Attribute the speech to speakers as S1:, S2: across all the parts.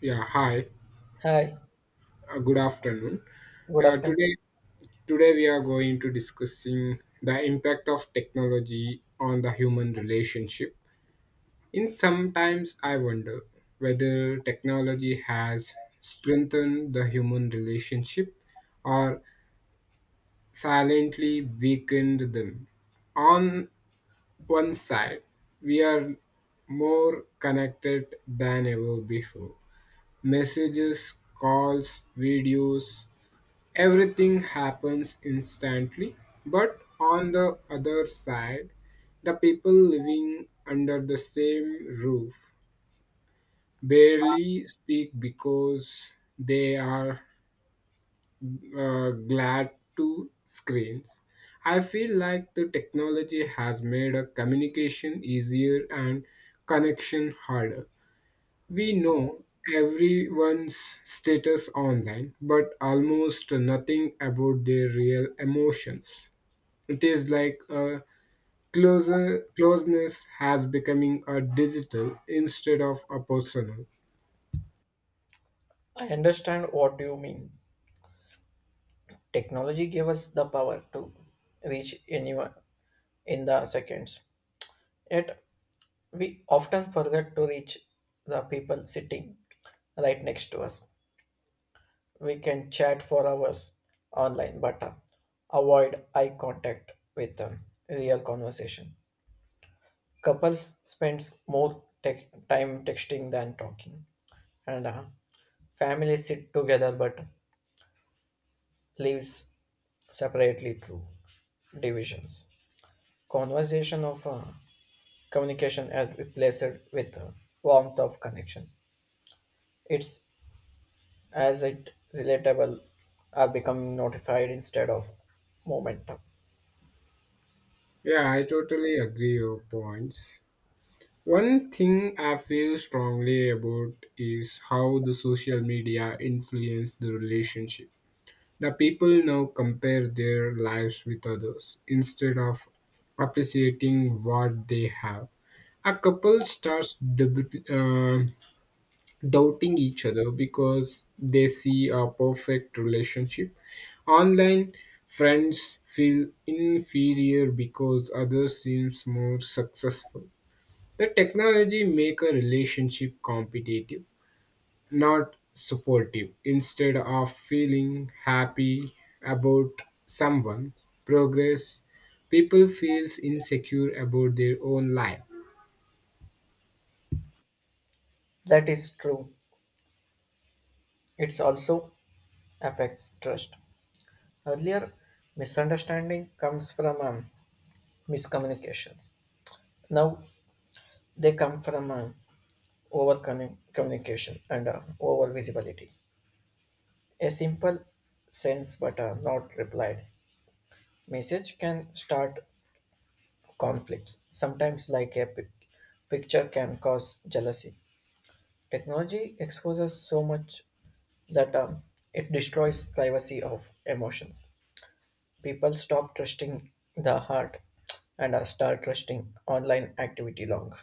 S1: Yeah, hi.
S2: Hi,
S1: Good afternoon.
S2: good
S1: Uh,
S2: afternoon.
S1: today, Today we are going to discussing the impact of technology on the human relationship. In sometimes I wonder whether technology has strengthened the human relationship or silently weakened them. On one side, we are more connected than ever before. Messages, calls, videos, everything happens instantly. But on the other side, the people living under the same roof barely speak because they are glad to screens. I feel like the technology has made a communication easier and connection harder. We know everyone's status online, but almost nothing about their real emotions. It is like a closer closeness has becoming a digital instead of a personal.
S2: I understand what you mean. Technology gave us the power to reach anyone in the seconds. Yet we often forget to reach the people sitting right next to us. We can chat for hours online, but avoid eye contact with real conversation. Couples spends more tech time texting than talking, and families sit together but leaves separately through divisions. Conversation of communication as replaced with the warmth of connection. It's as it relatable are becoming notified instead of momentum.
S1: Yeah, I totally agree your points. One thing I feel strongly about is how the social media influence the relationship. The people now compare their lives with others instead of appreciating what they have. A couple starts doubting each other because they see a perfect relationship. Online friends feel inferior because others seems more successful. The technology make a relationship competitive, not supportive. Instead of feeling happy about someone progress, people feels insecure about their own life.
S2: That is true. It also affects trust. Earlier, misunderstanding comes from miscommunications. Now they come from over communication and over visibility. A simple sends but a not replied message can start conflicts. Sometimes, like a picture, can cause jealousy. Technology exposes so much that it destroys privacy of emotions. People stop trusting the heart and start trusting online activity long.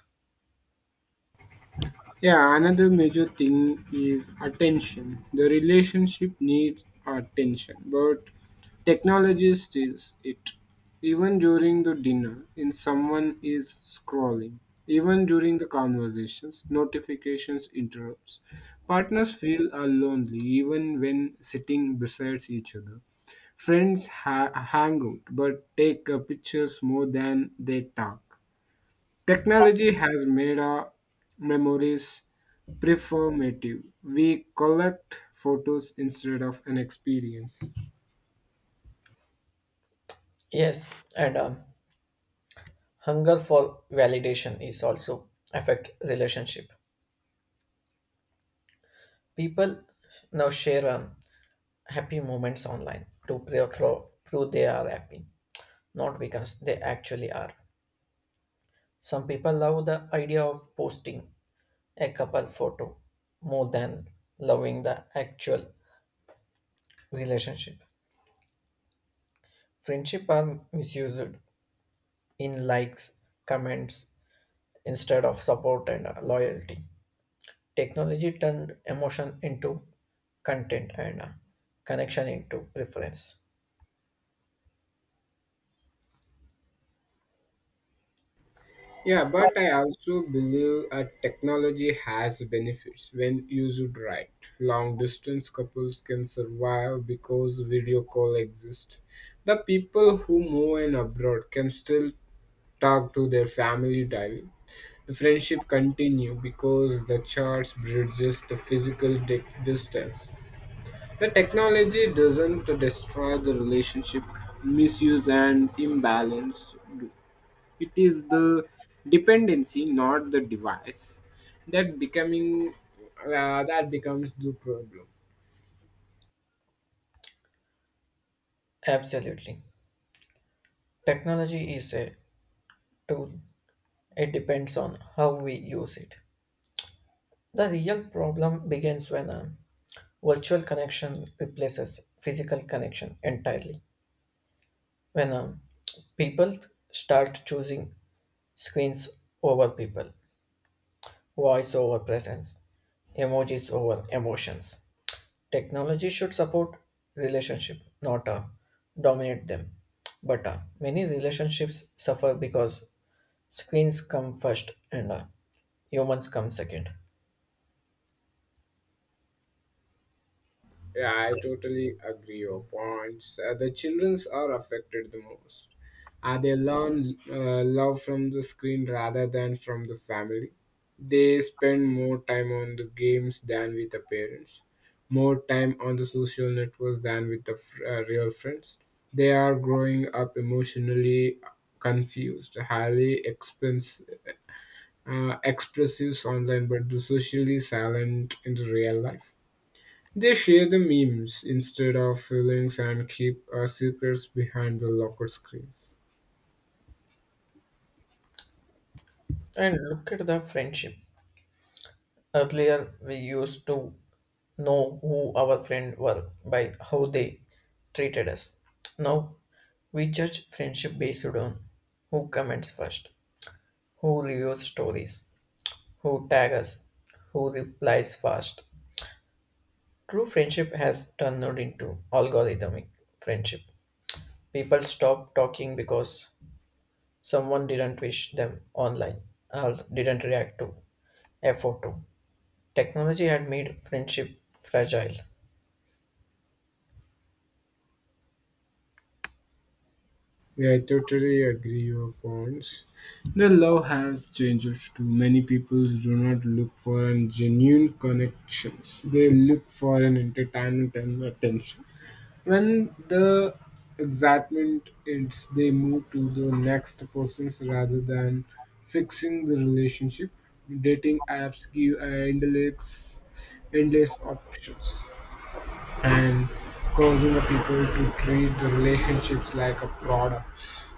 S1: Yeah, another major thing is attention. The relationship needs attention, but technology steals it. Even during the dinner, in someone is scrolling. Even during the conversations, notifications interrupts. Partners feel are lonely even when sitting beside each other. Friends hang out but take pictures more than they talk. Technology has made our memories performative. We collect photos instead of an experience.
S2: Yes, and hunger for validation is also affect relationship. People now share happy moments online to prove they are happy, not because they actually are. Some people love the idea of posting a couple photo more than loving the actual relationship. Friendship are misused in likes, comments instead of support and loyalty. Technology turned emotion into content and connection into preference.
S1: Yeah, but I also believe technology has benefits when used right. Long distance couples can survive because video call exists. The people who move in abroad can still talk to their family daily. The friendship continue because the charts bridges the physical distance. The technology doesn't destroy the relationship, misuse and imbalance do. It is the dependency, not the device, that becoming that becomes the problem.
S2: Absolutely. Technology is a tool. It depends on how we use it. The real problem begins when a virtual connection replaces physical connection entirely. When people start choosing screens over people, voice over presence, emojis over emotions. Technology should support relationship, not dominate them. But many relationships suffer because screens come first and humans come second.
S1: Yeah, I totally agree your points. The childrens are affected the most. They learn love from the screen rather than from the family. They spend more time on the games than with the parents, more time on the social networks than with the real friends. They are growing up emotionally confused, highly expense, expressive online, but socially silent in the real life. They share the memes instead of feelings and keep our secrets behind the locker screens.
S2: And look at the friendship. Earlier, we used to know who our friend were by how they treated us. Now, we judge friendship based on who comments first, who reviews stories, who tag us, who replies fast. True friendship has turned out into algorithmic friendship. People stop talking because someone didn't wish them online or didn't react to a photo. Technology had made friendship fragile.
S1: Yeah, I totally agree your points. The love has changed too. Many people do not look for an genuine connections. They look for an entertainment and attention. When the excitement ends, they move to the next persons rather than fixing the relationship. Dating apps give endless options and causing the people to treat the relationships like a product.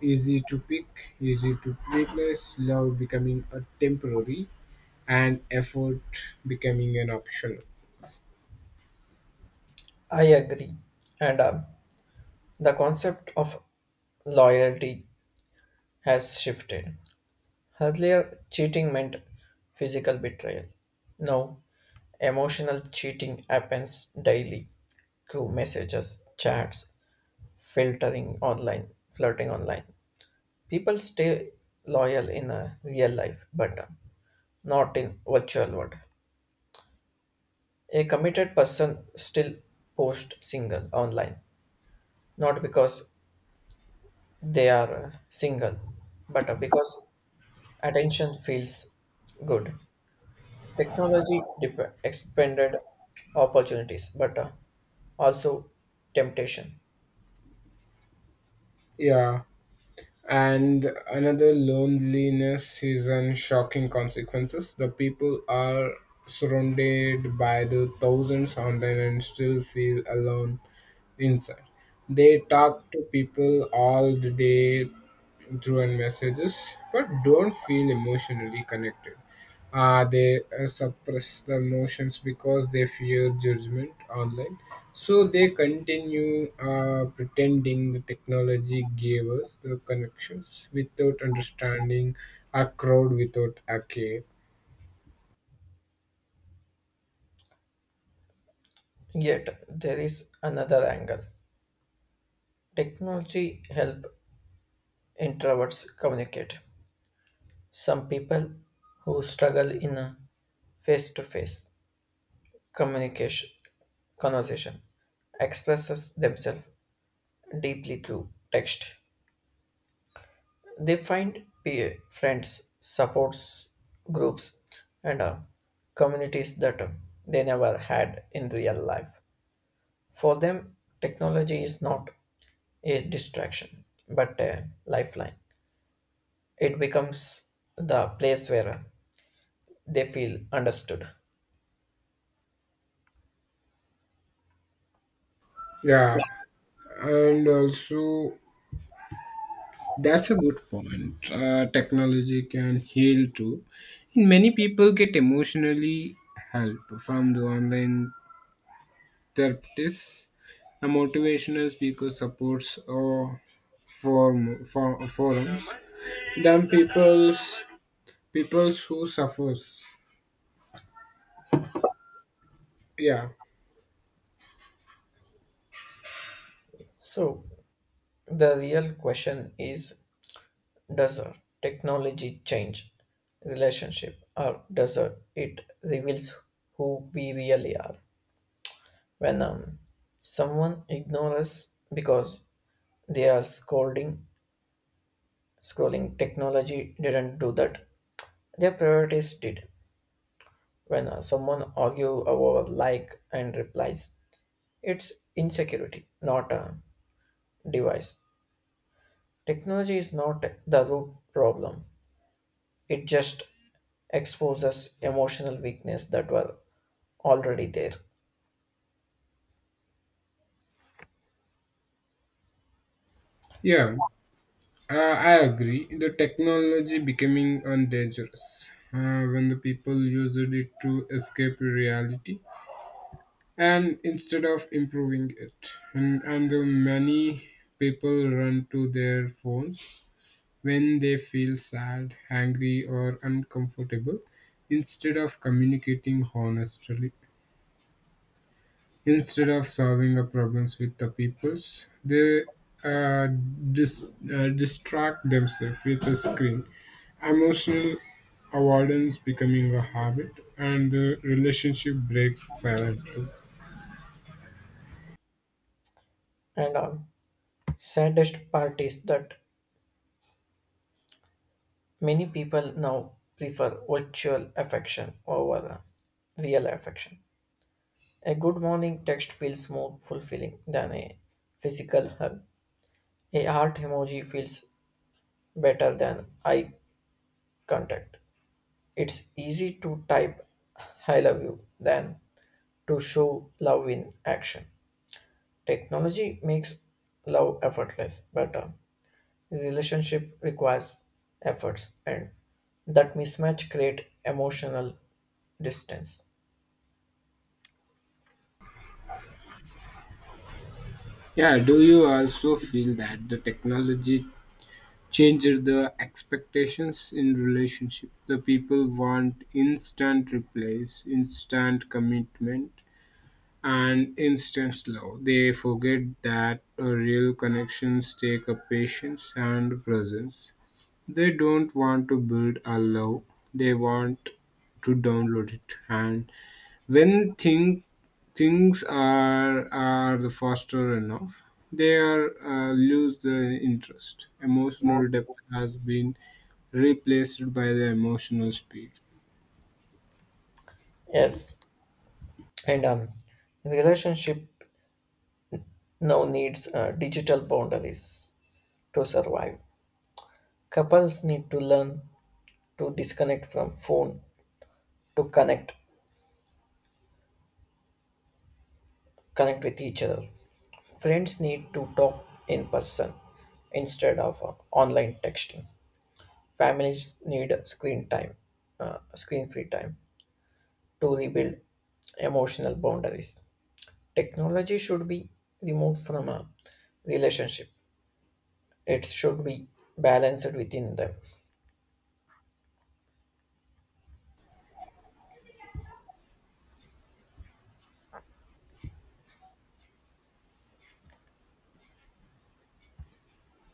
S1: Easy to pick, easy to replace, love becoming a temporary and effort becoming an optional.
S2: I agree. And the concept of loyalty has shifted. Earlier, cheating meant physical betrayal. Now, emotional cheating happens daily through messages, chats, filtering online, flirting online. People stay loyal in a real life, but not in virtual world. A committed person still posts single online, not because they are single, but because attention feels good. Technology expanded opportunities, but also temptation.
S1: Yeah. And another loneliness is in shocking consequences. The people are surrounded by the thousands online and still feel alone inside. They talk to people all the day, through and messages, but don't feel emotionally connected. They suppress the emotions because they fear judgment online. So they continue pretending the technology gave us the connections without understanding, a crowd without a care.
S2: Yet there is another angle. Technology help introverts communicate. Some people who struggle in face to face communication conversation expresses themselves deeply through text. They find peer friends, supports groups, and communities that they never had in real life. For them technology is not a distraction but a lifeline. It becomes the place where they feel understood.
S1: Yeah, and also that's a good point. Technology can heal too. Many people get emotionally help from the online Terptis, a motivational speaker, supports or forums than people's peoples who suffers. Yeah,
S2: So the real question is, does technology change relationship, or does it reveals who we really are? When someone ignores because they are scrolling, technology didn't do that. Their priorities did. When someone argue over like and replies, it's insecurity, not a device. Technology is not the root problem. It just exposes emotional weakness that were already there.
S1: yeah, uh, I agree. The technology becoming dangerous when the people used it to escape reality and instead of improving it, and the many people run to their phones when they feel sad, angry, or uncomfortable instead of communicating honestly. Instead of solving our problems with the peoples, they uh, dis- distract themselves with a screen. Emotional avoidance becoming a habit, and the relationship breaks silently.
S2: And on saddest part is that many people now prefer virtual affection over real affection. A good morning text feels more fulfilling than a physical hug. A heart emoji feels better than eye contact. It's easy to type I love you than to show love in action. Technology makes love effortless, but a relationship requires efforts, and that mismatch create emotional distance.
S1: Yeah, do you also feel that the technology changes the expectations in relationship? The people want instant replies, instant commitment, and instant love. They forget that real connections take a patience and presence. They don't want to build a love. They want to download it, and when think, things are the faster enough, they are lose the interest. Emotional depth has been replaced by the emotional speed.
S2: Yes, and relationship now needs digital boundaries to survive. Couples need to learn to disconnect from phone to connect with each other. Friends need to talk in person instead of online texting. Families need screen time, screen free time to rebuild emotional boundaries. Technology should be removed from a relationship. It should be balanced within them.